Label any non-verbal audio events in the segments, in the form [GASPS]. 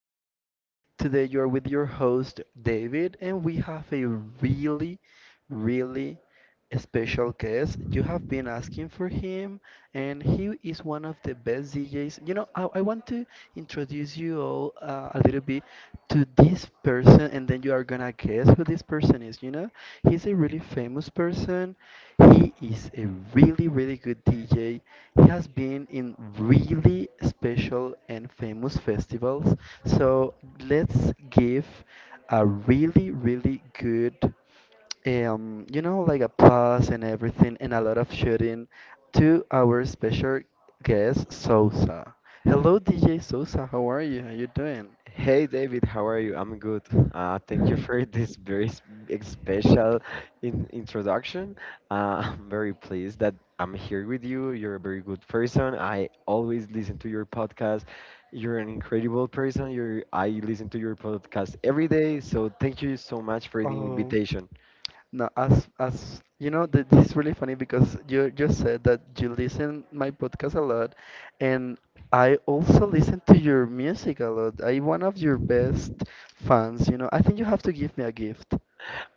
podcast. Today, you're with your host, David, and we have a really, really special guest. You have been asking for him, and he is one of the best DJs. I want to introduce you all a little bit to this person, and then you are gonna guess who this person is. You know, he's a really famous person. He is a really, really good DJ. He has been in really special and famous festivals. So let's give a really, really good, like applause and everything, and a lot of shooting to our special guest, Sosa. Hello, DJ Sosa. How are you? How you doing? Introduction. [LAUGHS] I'm very pleased that I'm here with you. You're a very good person. I always listen to your podcast. You're an incredible person. I listen to your podcast every day. So thank you so much for the Oh. invitation. No, as you know, th this is really funny because you just said that you listen my podcast a lot, and I also listen to your music a lot. I one of your best fans, I think you have to give me a gift.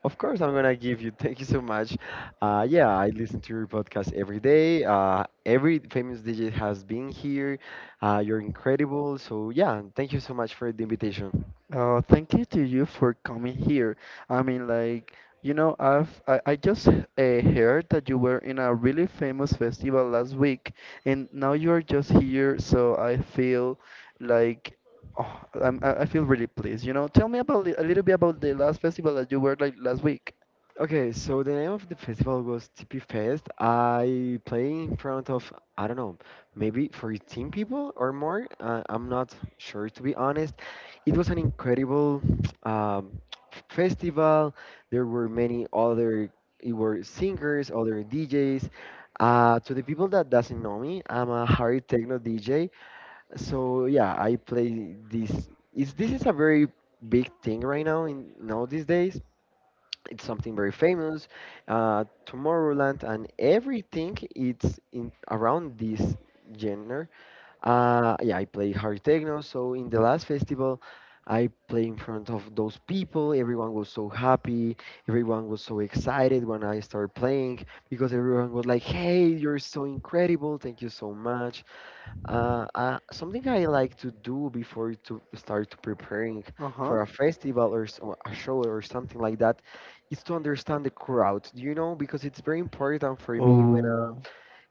Of course, I'm gonna give you. [LAUGHS] Thank you so much. Yeah, I listen to your podcast every day. Every famous DJ has been here. You're incredible. So yeah, thank you so much for the invitation. Oh, thank you to you for coming here. I mean, like, I just heard that you were in a really famous festival last week, and now you are just here, so I feel like oh, I feel really pleased. You know, tell me about a little bit about the last festival that you were like last week. Okay, so the name of the festival was TP Fest. I play in front of, I don't know, maybe 14 people or more. I'm not sure, to be honest. It was an incredible [TSK] um, festival. There were many other, it were singers, other DJs. To the people that doesn't know me, I'm a hard techno DJ. So yeah, I play this. Is this is a very big thing right now in now these days. It's something very famous. Tomorrowland and everything, it's in around this genre. Yeah, I play hard techno. So in the last festival, I play in front of those people. Everyone was so happy. Everyone was so excited when I started playing because everyone was like, "Hey, you're so incredible! Thank you so much." Something I like to do before to start preparing Uh-huh. for a festival or a show or something like that is to understand the crowd. Do you know? Because it's very important for me when Oh,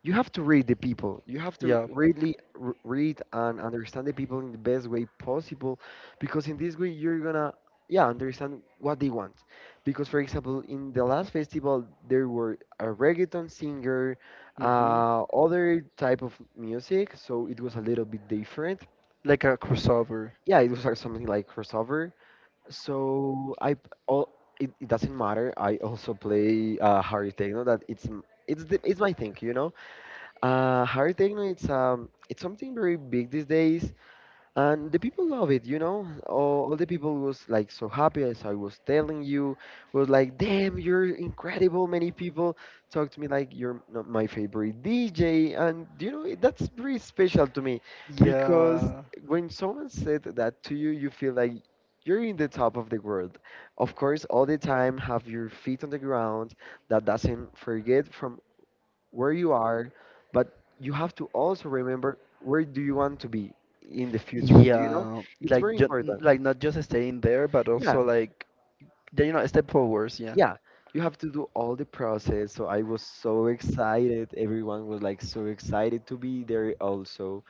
you have to read the people. You have to yeah. really read and understand the people in the best way possible, because in this way you're gonna, yeah, understand what they want. Because, for example, in the last festival there were a reggaeton singer, Mm-hmm. Other type of music, so it was a little bit different. Like a crossover. Yeah, it was like something like crossover. So all it doesn't matter. I also play Harry Techno. That it's m- it's the, it's my thing. Hard techno, it's something very big these days, and the people love it. All the people was like so happy as I was telling you, was like, "Damn, you're incredible!" Many people talk to me like, "You're not my favorite DJ," and that's very special to me, because Yeah. when someone said that to you, you feel like you're in the top of the world. Of course, all the time have your feet on the ground. That doesn't forget from where you are, but you have to also remember where do you want to be in the future. Do you know? Yeah, It's very like ju important. like not just staying there, but Yeah, also like yeah, you know, step forwards, yeah. yeah. You have to do all the process. So I was so excited. Everyone was like so excited to be there also,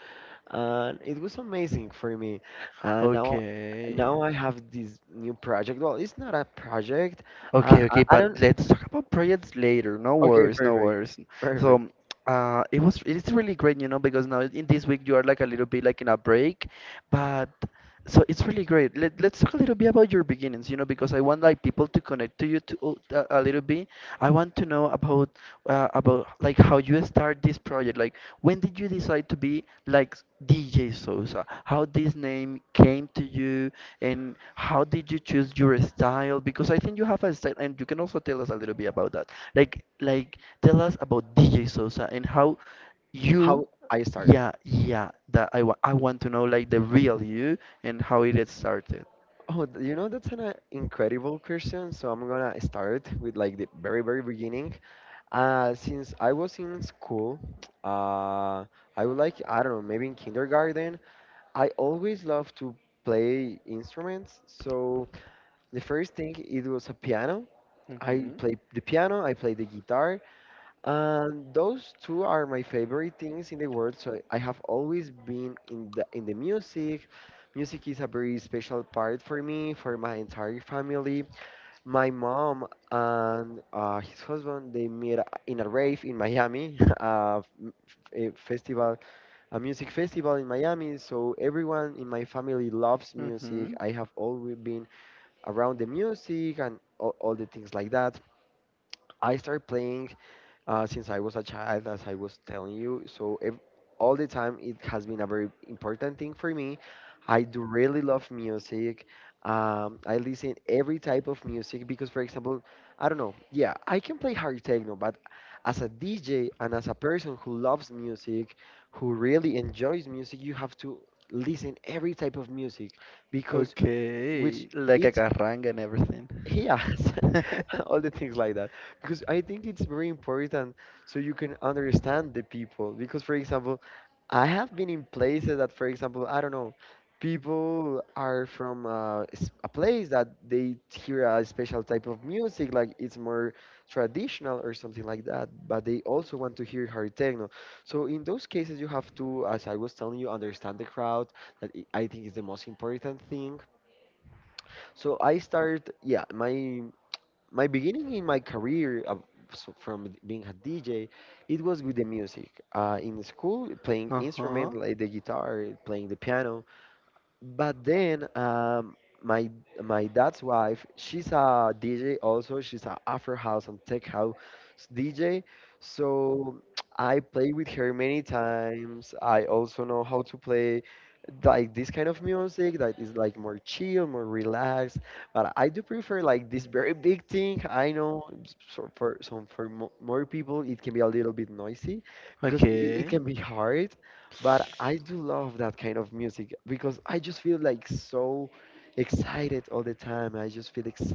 and it was amazing for me. And now. Okay. Now I have this new project. Well, it's not a project. Okay, I, okay, I but don't. let's talk about projects later. No Okay, worries, no perfect, worries. perfect. So, it's really great, you know, because now in this week you are like a little bit like in a break, but so it's really great. Let's talk a little bit about your beginnings, you know, because I want like people to connect to you to a little bit. I want to know about like how you start this project. Like when did you decide to be like DJ Sosa? How this name came to you and how did you choose your style? Because I think you have a style and you can also tell us a little bit about that. Like tell us about DJ Sosa and how you How I start? yeah, yeah. That I want. I want to know like the real you and how it had started. Oh, that's an incredible question. So I'm gonna start with like the very, very beginning. Since I was in school, uh, I would like, I don't know, maybe in kindergarten, I always loved to play instruments. So the first thing, it was a piano. I Mhm. played the piano, I played the guitar, and those two are my favorite things in the world. So I have always been in the music. Music is a very special part for me, for my entire family. My mom and his husband they met in a rave in Miami, [LAUGHS] a festival, a music festival in Miami. So everyone in my family loves music. Mhm. I have always been around the music and all the things like that. I started playing since I was a child, as I was telling you. So ev all the time, it has been a very important thing for me. I do really love music. I listen every type of music because, for example, I don't know. Yeah, I can play hard techno, but as a DJ and as a person who loves music, who really enjoys music, you have to listen every type of music because which Okay. Like a is carranga and everything. Yes, [LAUGHS] all [LAUGHS] the things like that. Because I think it's very important so you can understand the people. Because, for example, I have been in places that, for example, I don't know, people are from a place that they hear a special type of music, like it's more traditional or something like that, but they also want to hear hard techno. So, in those cases, you have to, as I was telling you, understand the crowd. That I think is the most important thing. So I started, yeah, my beginning in my career so from being a DJ, it was with the music. In school, playing Uh-huh. instrument like the guitar, playing the piano, but then my my dad's wife, she's a DJ also. She's a Afro house and tech house DJ. So I play with her many times. I also know how to play like this kind of music that is like more chill, more relaxed. But I do prefer like this very big thing. I know so for some for mo- more people it can be a little bit noisy because it Okay. can be hard. But I do love that kind of music because I just feel like so excited all the time. I just feel ex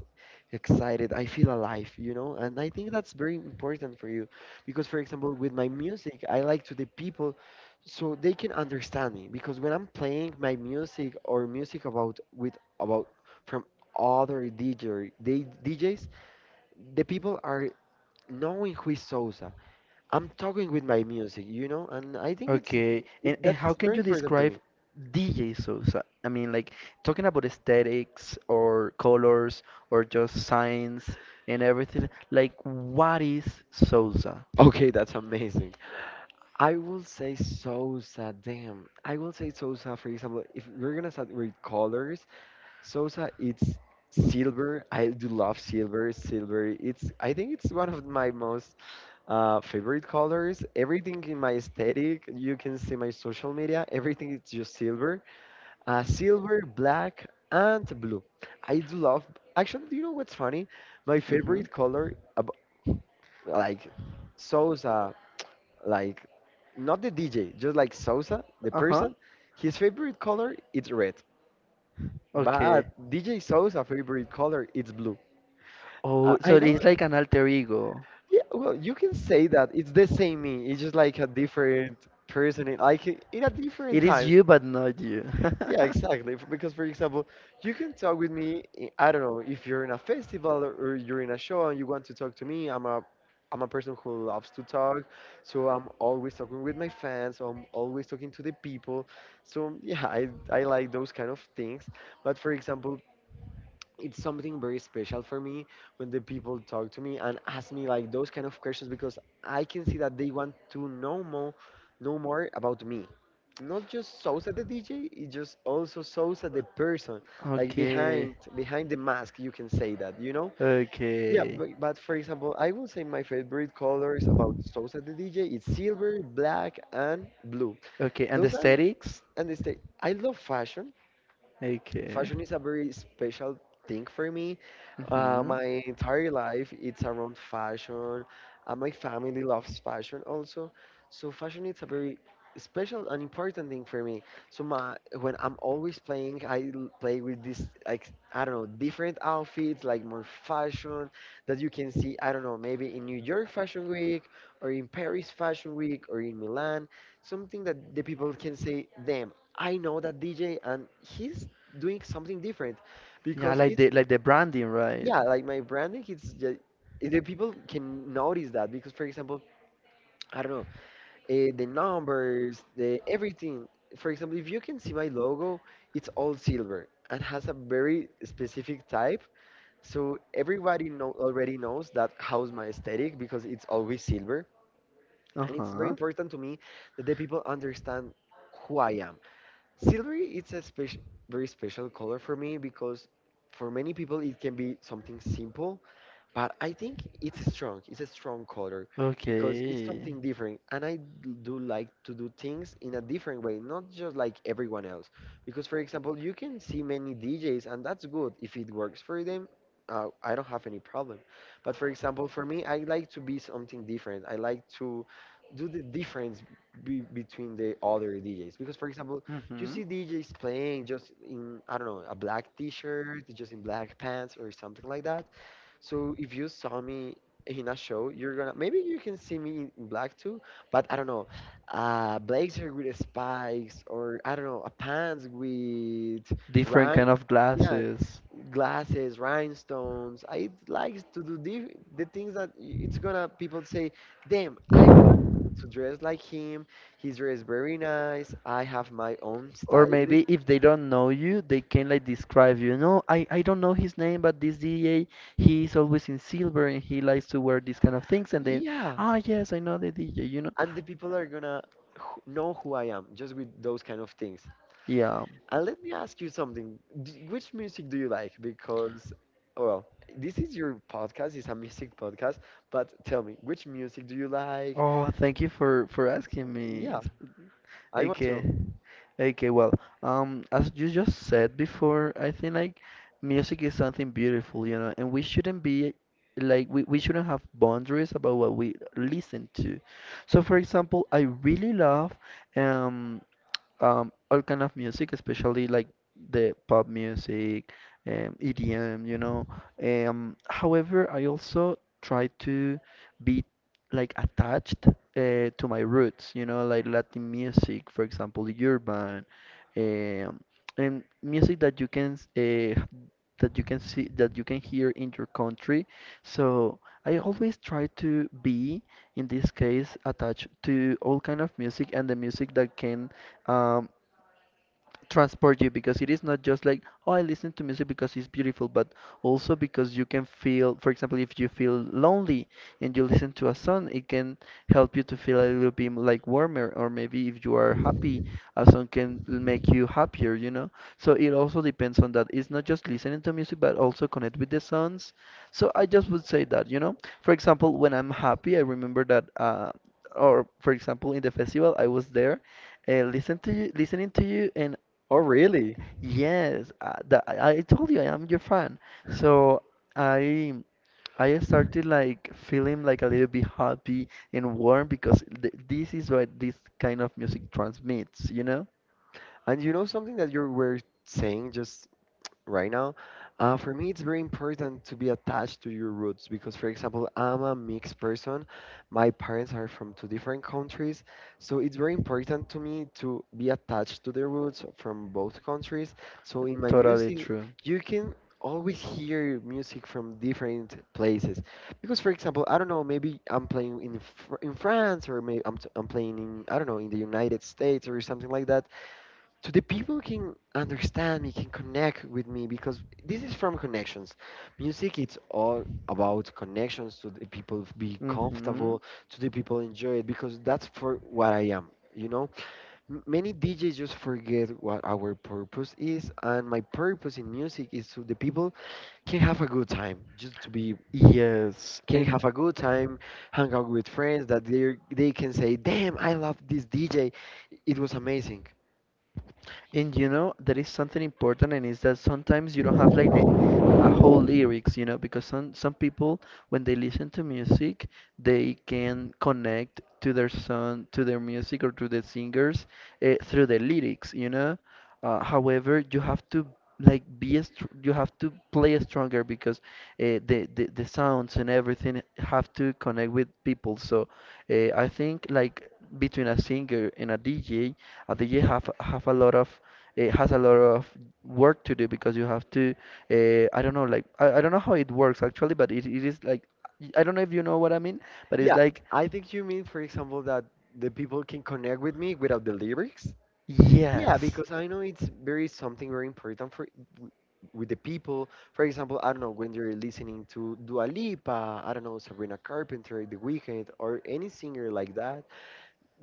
excited. I feel alive, you know? And I think that's very important for you because, for example, with my music, I like to the people so they can understand me because when I'm playing my music, or music about with about from other DJ, they, DJs, the people are knowing who is Sousa I'm talking with my music, you know, and I think Okay. And and how that's can very you important for describe me. DJ Sosa? I mean, like talking about aesthetics or colors or just signs and everything. Like, what is Sosa? Okay, that's amazing. I will say Sosa, damn. I will say Sosa, for example, if we're gonna start with colors, Sosa it's silver. I do love silver. Silver, it's I think it's one of my most favorite colors. Everything in my aesthetic, you can see my social media, everything is just silver. Silver, black, and blue. I do love. Actually, do you know what's funny? My Mm-hmm. favorite color, like Sousa, like not the DJ, just like Sousa, the Uh-huh. person. His favorite color it's red, Okay. but DJ Sousa favorite color it's blue. I, Oh, so I know. it's like an alter ego. Yeah, well, you can say that it's the same me. It's just like a different person, like in a It different is time. you, but not you. [LAUGHS] Yeah, exactly. Because, for example, you can talk with me. I don't know if you're in a festival or you're in a show and you want to talk to me. I'm a person who loves to talk, so I'm always talking with my fans. So I'm always talking to the people. So yeah, I like those kind of things. But for example, it's something very special for me when the people talk to me and ask me like those kind of questions because I can see that they want to know more about me. Not just shows the DJ, it's just also shows the person, like Okay. behind the mask. You can say that. Yeah, Okay. but for example, I will say my favorite colors about shows the DJ is silver, black, and blue. Okay. And Those are aesthetics? and they say I love fashion, Okay. fashion is a very special thing for me. Mm-hmm. My entire life it's around fashion, and my family loves fashion also. So fashion is a very special and important thing for me. So my when I'm always playing, I play with this like I don't know different outfits, like more fashion that you can see. I don't know, maybe in New York Fashion Week or in Paris Fashion Week or in Milan, something that the people can say, damn. I know that DJ and he's doing something different Yeah, because it like the branding, right? yeah like my branding it's just the people can notice that because for example I don't know the numbers the everything, for example, if you can see my logo it's all silver and has a very specific type so everybody know already knows that how's my aesthetic because it's always silver and it's very Uh-huh. important to me that the people understand who I am. Silvery, it's a special, very special color for me because for many people it can be something simple, but I think it's strong. It's a strong color because it's something Okay. different. And I do like to do things in a different way, not just like everyone else. Because, for example, you can see many DJs, and that's good. If it works for them, I don't have any problem. But, for example, for me, I like to be something different. I like to do the difference be between the other DJs. Because, for example, you Mm-hmm. see DJs playing just in, I don't know, a black t shirt, just in black pants, or something like that. So if you saw me in a show, you're gonna maybe you can see me in black too, but I don't know, blazer with spikes or I don't know, a pants with Different right, kind of yeah, glasses. glasses, rhinestones. I like to do the things that it's gonna people say, damn, I want to dress like him. He's dressed very nice. I have my own Or stylist. maybe if they don't know you, they can like describe you. No, I don't know his name, but this D A, he is always in silver and he likes to wear these kind of things. And then, Yeah, ah, yes, I know the DJ, you know? and the people are gonna know who I am just with those kind of things. Yeah. Let me ask you something. Which music do you like? Because, well, this is your podcast, it's a music podcast, but tell me, which music do you like? Oh, thank you for asking me. Yeah, I want to Okay. know. Okay, well, as you just said before, I think like music is something beautiful, you know, and we shouldn't be like we shouldn't have boundaries about what we listen to. So, for example, I really love um all kind of music, especially like the pop music, EDM, you know. However, I also try to be like attached to my roots, you know, like Latin music, for example, urban, um, and music that you can see that you can hear in your country. So I always try to be, in this case, attached to all kind of music and the music that can um, transport you because it is not just like oh I listen to music because it's beautiful but also because you can feel, for example, if you feel lonely and you listen to a song, it can help you to feel a little bit like warmer, or maybe if you are happy, a song can make you happier, you know, so it also depends on that. It's not just listening to music but also connect with the songs. So I just would say that, you know, for example, when I'm happy I remember that or for example in the festival I was there listening to you, and Oh, really? yes, I told you I am your fan. So I I started like feeling like a little bit happy and warm because th this is what this kind of music transmits, you know? And you know something that you were saying just right now. For me, it's very important to be attached to your roots because, for example, I'm a mixed person. My parents are from two different countries, so it's very important to me to be attached to the roots from both countries. So in my Totally music, true. you can always hear music from different places because for example I don't know, maybe I'm playing in in France, or maybe I'm playing in I don't know, in the United States or something like that. So the people can understand me, can connect with me because this is from connections music. It's all about connections, to the people be Mm-hmm. comfortable, to the people enjoy it, because that's for what I am, you know. Many DJs just forget what our purpose is, and my purpose in music is so the people can have a good time, just to be Yes, can and have a good time, hang out with friends, that they can say, damn, I love this DJ, it was amazing. And you know, there is something important, and is that sometimes you don't have like the a whole lyrics, you know, because some people when they listen to music, they can connect to their song, to their music, or to the singers through the lyrics, you know. However, you have to like you have to play stronger because the sounds and everything have to connect with people. So I think like between a singer and a DJ, a DJ have a lot of it has a lot of work to do because you have to I don't know like I don't know how it works actually but it is like I don't know if you know what I mean but it's Yeah, like I think you mean, for example, that the people can connect with me without the lyrics. Yeah, yes because I know it's very something very important for w- with the people. For example, I don't know when you're listening to Dua Lipa, I don't know, Sabrina Carpenter, The Weeknd, or any singer like that,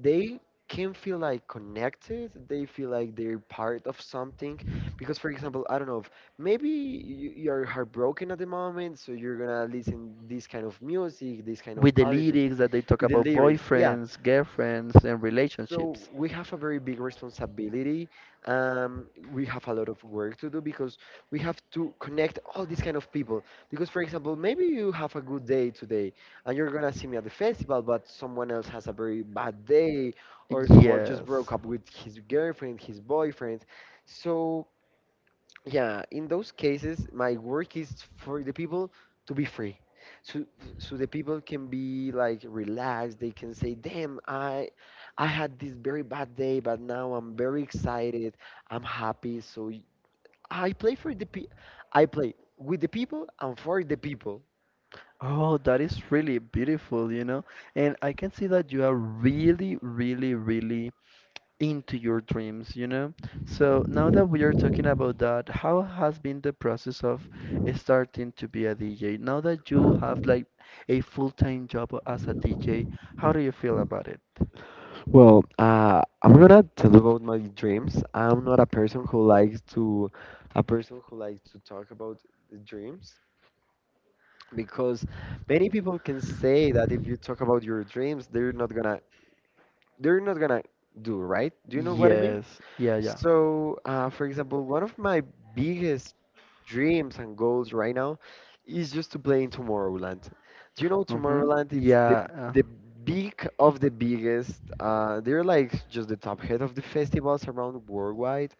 they can feel like connected. They feel like they're part of something. Because, for example, I don't know, if maybe you're heartbroken at the moment, so you're gonna listen this kind of music, this kind of with the art lyrics that they talk with the about lyrics. Yeah. boyfriends girlfriends and So relationships we have a very big responsibility. We have a lot of work to do because we have to connect all these kind of people. Because, for example, maybe you have a good day today and you're gonna see me at the festival, but someone else has a very bad day, or someone just yes broke up with his girlfriend, his boyfriend. So yeah, in those cases, my work is for the people to be free, so so the people can be like relaxed. They can say, damn, I had this very bad day but now I'm very excited, I'm happy. So I play for the pe I play with the people and for the people. oh that is really beautiful you know and I can see that you are really into your dreams, you know? So now that we are talking about that, how has been the process of starting to be a DJ? Now that you have like a full-time job as a DJ, how do you feel about it? Well, I'm gonna tell you about my dreams. I'm not a person who likes to a person who likes to talk about the dreams because many people can say that if you talk about your dreams they're not gonna do right, do you know what I mean? Yes, yeah, yeah. So for example, one of my biggest dreams and goals right now is just to play in Tomorrowland. Do you know Mm-hmm. Tomorrowland? It's Yeah. The big of the biggest they're like just the top head of the festivals around worldwide.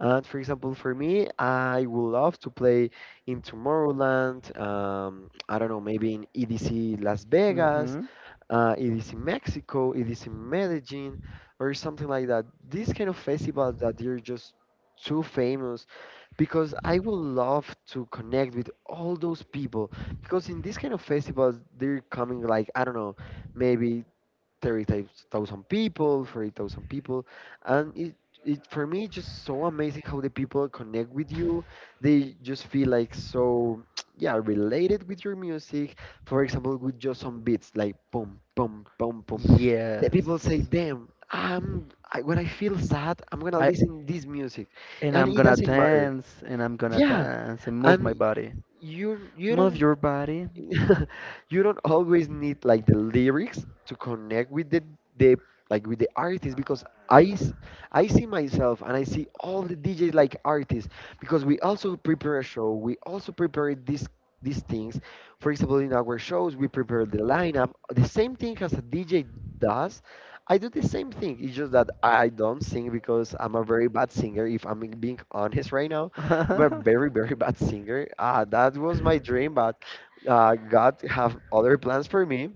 And for example, for me, I would love to play in Tomorrowland. I don't know, maybe in EDC Las Vegas, Mm-hmm. EDC Mexico, EDC Medellin, or something like that. These kind of festivals that they're just too famous because I would love to connect with all those people because in these kind of festivals they're coming like I don't know, maybe 30,000 people, 40,000 people, and it for me it's just so amazing how the people connect with you. They just feel like so [TSK] yeah related with your music. For example, with just some beats like boom, boom, boom, boom. The people Yes. say, "Damn, when I feel sad, I'm gonna I listen this music," and and I'm it gonna doesn't matter. dance and I'm gonna Yeah, dance and move my and body. you Move don't your body. [LAUGHS] you don't always need like the lyrics to connect with the like with the artist because I s- I see myself and I see all the DJs like artists because we also prepare a show. We also prepare these things. For example, in our shows, we prepare the lineup. The same thing as a DJ does. I do the same thing. It's just that I don't sing because I'm a very bad singer. If I'm being honest right now, I'm a [LAUGHS] very bad singer. Ah, that was my dream, but God have other plans for me?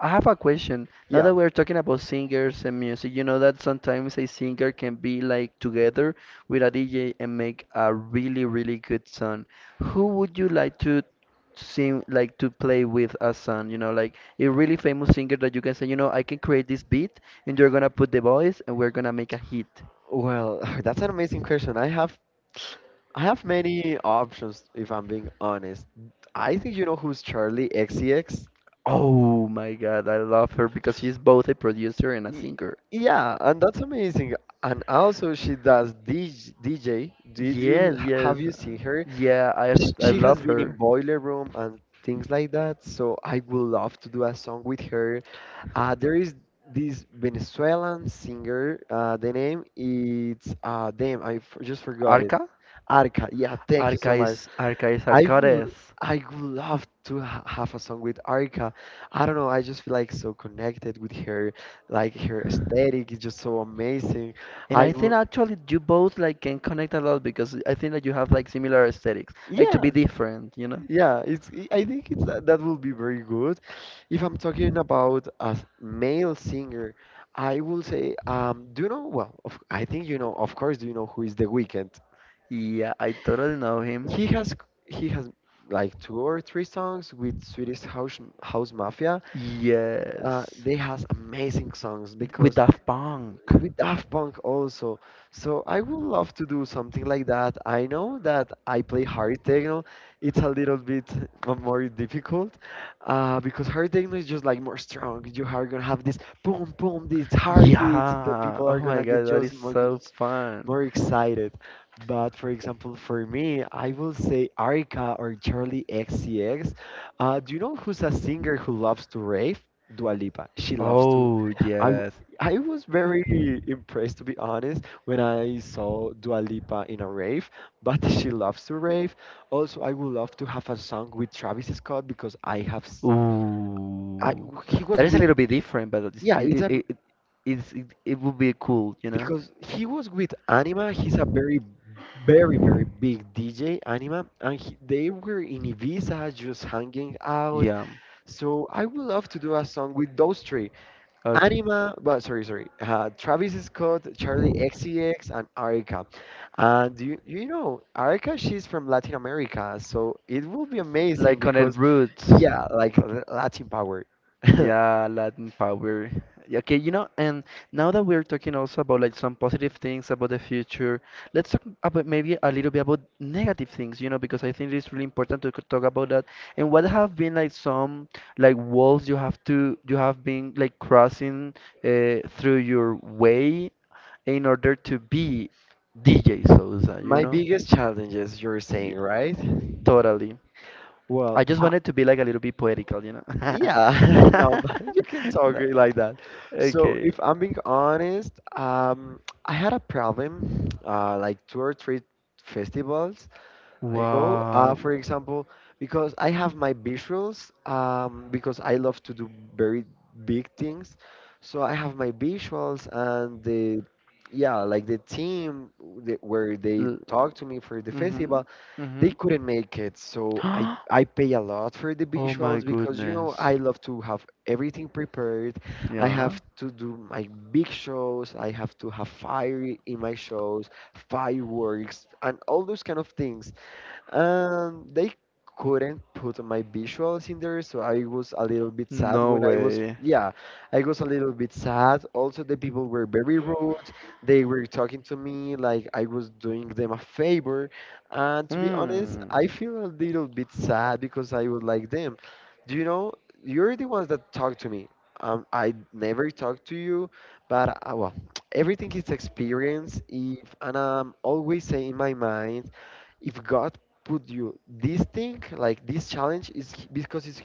I have a question. Now Yeah. that we're talking about singers and music, you know that sometimes a singer can be like together with a DJ and make a really, really good song. Who would you like to sing, like to play with a song? You know, like a really famous singer that you can say, you know, I can create this beat and you're gonna put the voice and we're gonna make a hit. Well, [LAUGHS] [SIGHS] that's an amazing question. I have many options if I'm being honest. I think you know who's Charlie XCX. Oh my God, I love her because she's both a producer and a singer. Yeah, and that's amazing. And also she does DJ. Did you Yes, have yes. you seen her? Yeah, I, I She has love been in her. Boiler Room and things like that. So I would love to do a song with her. There is this Venezuelan singer. The name it's damn, I just forgot it. Arca? Arca. Yeah, thank you so much. Arca is a I would, goddess. I would love to ha have a song with Arca. I don't know. I just feel like so connected with her. Like her aesthetic is just so amazing. And I I think would. actually you both like can connect a lot because I think that you have like similar aesthetics. Like to Yeah. be different, you know? Yeah, it's. I think it's that would be very good. If I'm talking about a male singer, I will say, do you know? Well, of, I think you know. Of course, do you know who is The Weeknd? Yeah, I totally know him. He has he has like two or three songs with Swedish House Mafia. Yes. They has amazing songs With because Daft Punk. with Daft Punk also. So I would love to do something like that. I know that I play hard techno. It's a little bit more difficult because hard techno is just like more strong. You are gonna have this boom, boom, these heartbeats. The Yeah. people Oh are my gonna god, get that is just more, so fun. more excited. But for example, for me, I will say Arika or Charlie XCX. Do you know who's a singer who loves to rave? Dua Lipa. She loves to Oh I w- yes. I was very impressed, to be honest, when I saw Dua Lipa in a rave, but [LAUGHS] she loves to rave. Also, I would love to have a song with Travis Scott because I have, I Ooh. he That was is a with, little bit different, but it's, yeah, it's it, a it, it, it's, it, it would be cool, you know? because he was with Anima. He's a very big DJ, Anima, and they were in Ibiza just hanging out. Yeah. So I would love to do a song with those three. Okay. Anima, but sorry. Travis Scott, Charlie XCX, and Arica. And you know, Arica, she's from Latin America, so it will be amazing Like on Connect because, Roots. yeah, like Latin power. [LAUGHS] Yeah, Latin power. Yeah, okay, you know, and now that we're talking also about like some positive things about the future, let's talk about maybe a little bit about negative things, you know, because I think it's really important to talk about that. And what have been like some like walls you have to you have been like crossing through your way in order to be DJ Souza, you My know? biggest challenges, you're Yeah, saying, right? totally. Well, I just wanted to be like a little bit poetical, you know? yeah, [LAUGHS] no, but you can [LAUGHS] talk No, it like that. So, okay. if I'm being honest, I had a problem, like two or three festivals I go, Wow. for example, because I have my visuals, because I love to do very big things. So I have my visuals and yeah, like the team where they L- talked to me for the Mhm. festival, they Mhm. couldn't make it. So [GASPS] I pay a lot for the Oh my visuals because, you know, goodness. I love to have everything prepared. I Yeah. have to do my big shows. I have to have fire in my shows, fireworks, and all those kind of things. They couldn't put my visuals in there, so I was a little bit sad No when I was, way. yeah, I was a little bit sad. Also, the people were very rude. They were talking to me like I was doing them a favor. And to be honest, Mm. I feel a little bit sad because I would like them. Do you know, you're the ones that talk to me. I never talk to you, but well, [TSK] everything is experience. If and I'm always saying in my mind, if God put you this thing like this challenge is because it's,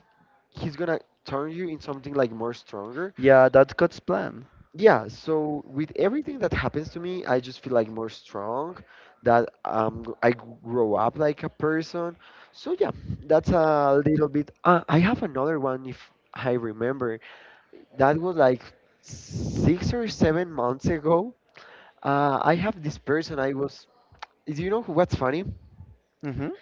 he's gonna turn you in something like more stronger. Yeah, that's God's plan. Yeah, so with everything that happens to me, I just feel like more strong that I grow up like a person. So yeah, that's a little bit. I have another one. If I remember, that was like 6 or 7 months ago. I have this person. I was, do you know what's funny? Mhm.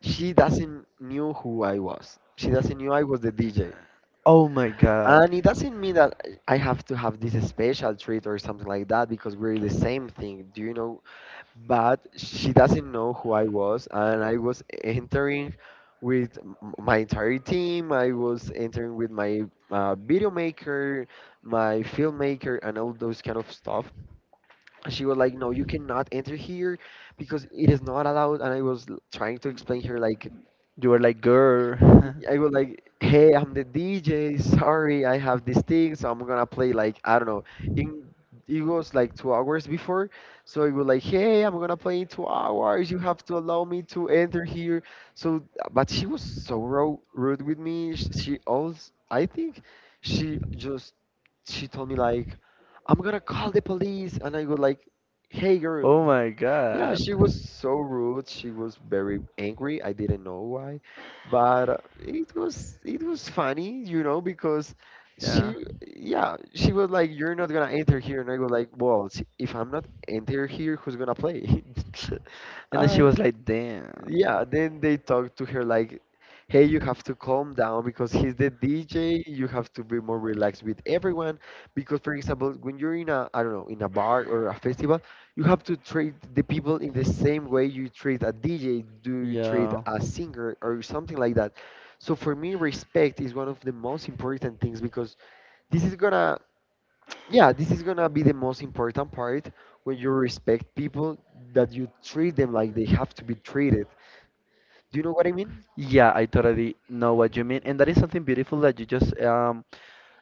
She doesn't knew who I was. She doesn't knew I was the DJ. Oh my God. And it doesn't mean that I have to have this special treat or something like that because we're the same thing, do you know? But she doesn't know who I was, and I was entering with my entire team. I was entering with my video maker, my filmmaker, and all those kind of stuff. And she was like, "No, you cannot enter here because it is not allowed." And I was trying to explain her like. You were like, girl. [LAUGHS] I was like, hey, I'm the DJ. Sorry, I have this thing, so I'm gonna play like, I don't know. In it was like 2 hours before, so it was like, hey, I'm gonna play in 2 hours. You have to allow me to enter here. So, but she was so ro rude with me. She also, I think, she just she told me like, I'm gonna call the police, and I was like, hey, girl. Oh my Yeah, God. she was so rude. She was very angry. I didn't know why, but it was funny, you know, because Yeah. she, yeah, she was like, "You're not gonna enter here," and I was like, "Well, if I'm not enter here, who's gonna play?" [LAUGHS] And then she uh, was like, damn. yeah, then they talk to her like, hey, you have to calm down because he's the DJ. You have to be more relaxed with everyone. Because, for example, when you're in a, I don't know, in a bar or a festival, you have to treat the people in the same way you treat a DJ, do you treat Yeah. a singer or something like that. So for me, respect is one of the most important things because this is gonna, yeah, this is gonna be the most important part. When you respect people, that you treat them like they have to be treated, do you know what I mean? Yeah, I totally know what you mean. And that is something beautiful that you just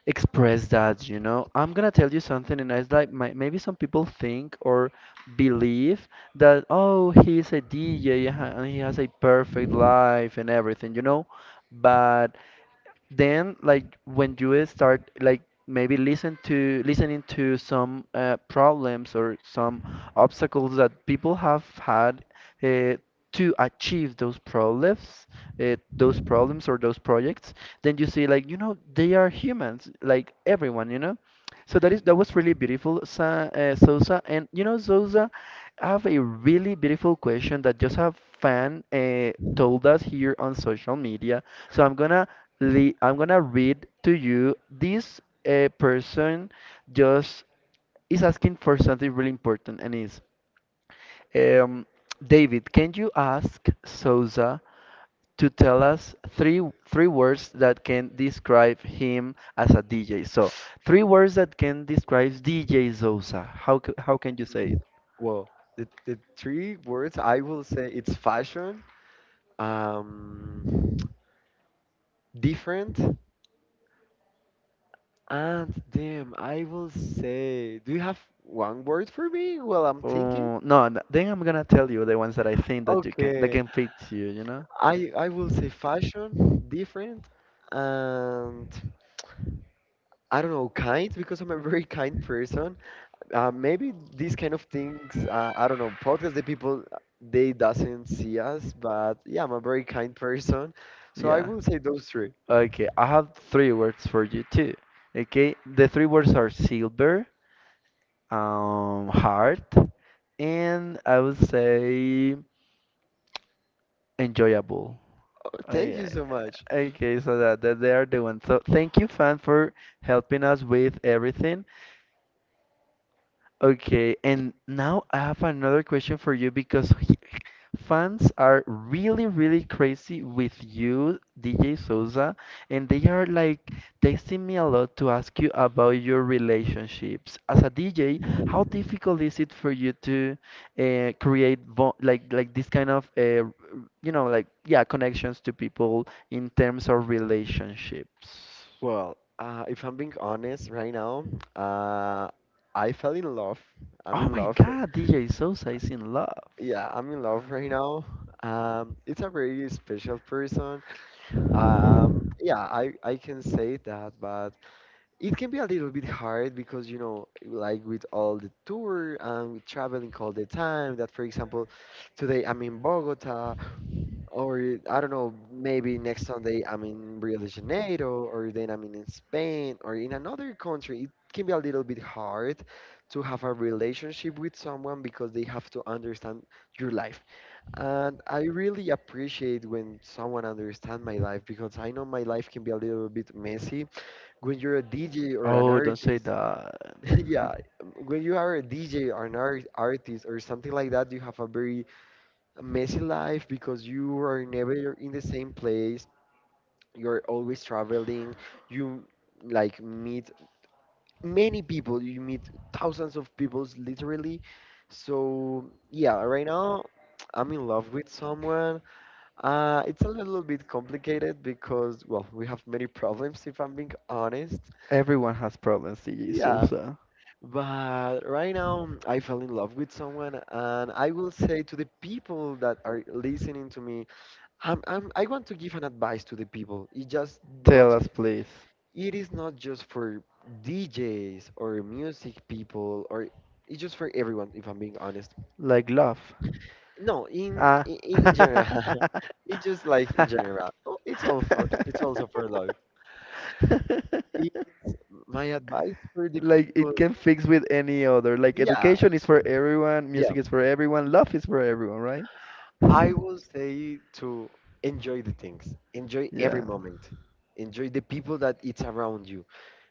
express that, you know. I'm gonna tell you something, and it's like my, maybe some people think or believe that, oh, he's a DJ and and he has a perfect life and everything, you know. But then like when you start like maybe listening to some problems or some obstacles that people have had uh, to achieve those problems or those projects then you see like you know they are humans like everyone you know so that is that was really beautiful Sa Sousa and you know Sousa I have a really beautiful question that just a fan told us here on social media. So I'm gonna le I'm gonna read to you. This person just is asking for something really important, and is um, David, can you ask Souza to tell us three words that can describe him as a DJ? So three words that can describe DJ Souza. How how can you say it? Well, the three words I will say, it's fashion, um, different, and damn. I will say, do you have one word for me? Well, I'm thinking. Oh, no, then I'm gonna tell you the ones that I think that you can that Okay, can fit you, you know? I will say fashion, different, and I don't know, kind, because I'm a very kind person. Maybe these kind of things, I don't know, podcast, the people, they doesn't see us, but yeah, I'm a very kind person, so I Yeah. will say those three. Okay, I have three words for you too. Okay, the three words are silver, hard, and I would say enjoyable. Well, thank I, you so much. okay, so that, that they are the ones. So thank you, fan, for helping us with everything. Okay, and now I have another question for you because fans are really, really crazy with you, DJ Souza, and they are like texting me a lot to ask you about your relationships. As a DJ, how difficult is it for you to create vo like this kind of you know like yeah connections to people in terms of relationships? Well, if I'm being honest right now, uh, I fell in love. I'm Oh in my love, God, DJ Souza is in love. yeah, I'm in love right now. It's a very special person. Yeah, I can say that, but it can be a little bit hard because, you know, like with all the tour and with traveling all the time, that, for example, today I'm in Bogota, or I don't know, maybe next Sunday I'm in Rio de Janeiro, or then I'm in Spain or in another country. It can be a little bit hard to have a relationship with someone because they have to understand your life. And I really appreciate when someone understands my life because I know my life can be a little bit messy when you're a DJ or an Oh, don't say artist, that. [LAUGHS] yeah, [LAUGHS] when you are a DJ or an artist or something like that, you have a very messy life because you are never in the same place. You're always traveling. You like meet many people. You meet thousands of people, literally. So yeah, right now [TSK] I'm in love with someone. It's a little bit complicated because, well, we have many [LAUGHS] problems if I'm being honest. Everyone has problems, DJ Yeah. Sousa. But right now, I fell in love with someone, and I will say to the people that are listening to me, I want to give an advice to the people. It just Tell not, us, please. it is not just for DJs or music people, or it's just for everyone. If I'm being honest, Like love. no, Ah. In general, [LAUGHS] [LAUGHS] it's just like in general. Oh, it's also for love. It, my advice for the like it people, can fix with any other. Like yeah, education is for everyone, yeah, music is for everyone, love is for everyone, right? [LAUGHS] I will say to enjoy the things, enjoy every yeah. moment, enjoy the people that it's around you,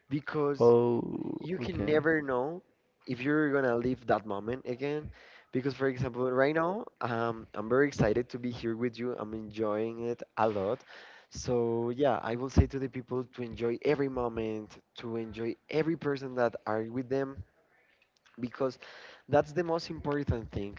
because Oh, you can okay. never know if you're gonna live that moment again. Because, for example, right now, I'm very excited to be here with you. I'm enjoying it a lot. So yeah, I will say to the people to enjoy every moment, to enjoy every person that are with them, because that's the most important thing.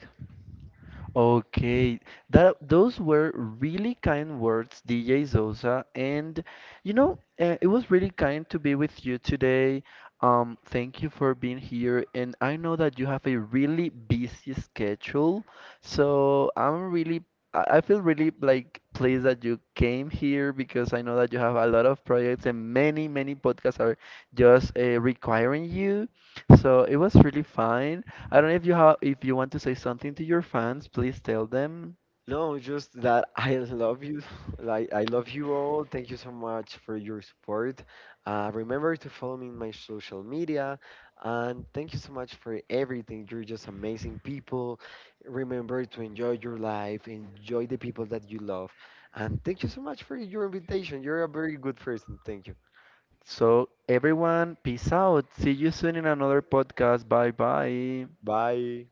Okay, that those were really kind words, DJ Zosa, and you know, it was really kind to be with you today. Thank you for being here, and I know that you have a really busy schedule, so I'm really, I feel really like pleased that you came here because I know that you have a lot of projects and many, many podcasts are just requiring you. So it was really fine. I don't know if you have if you want to say something to your fans, please tell them. No, just that I love you. [LAUGHS] Like I love you all. Thank you so much for your support. Remember to follow me in my social media, and thank you so much for everything. You're just amazing people. Remember to enjoy your life, enjoy the people that you love, and thank you so much for your invitation. You're a very good person. Thank you. So everyone, peace out. See you soon in another podcast. Bye bye. Bye.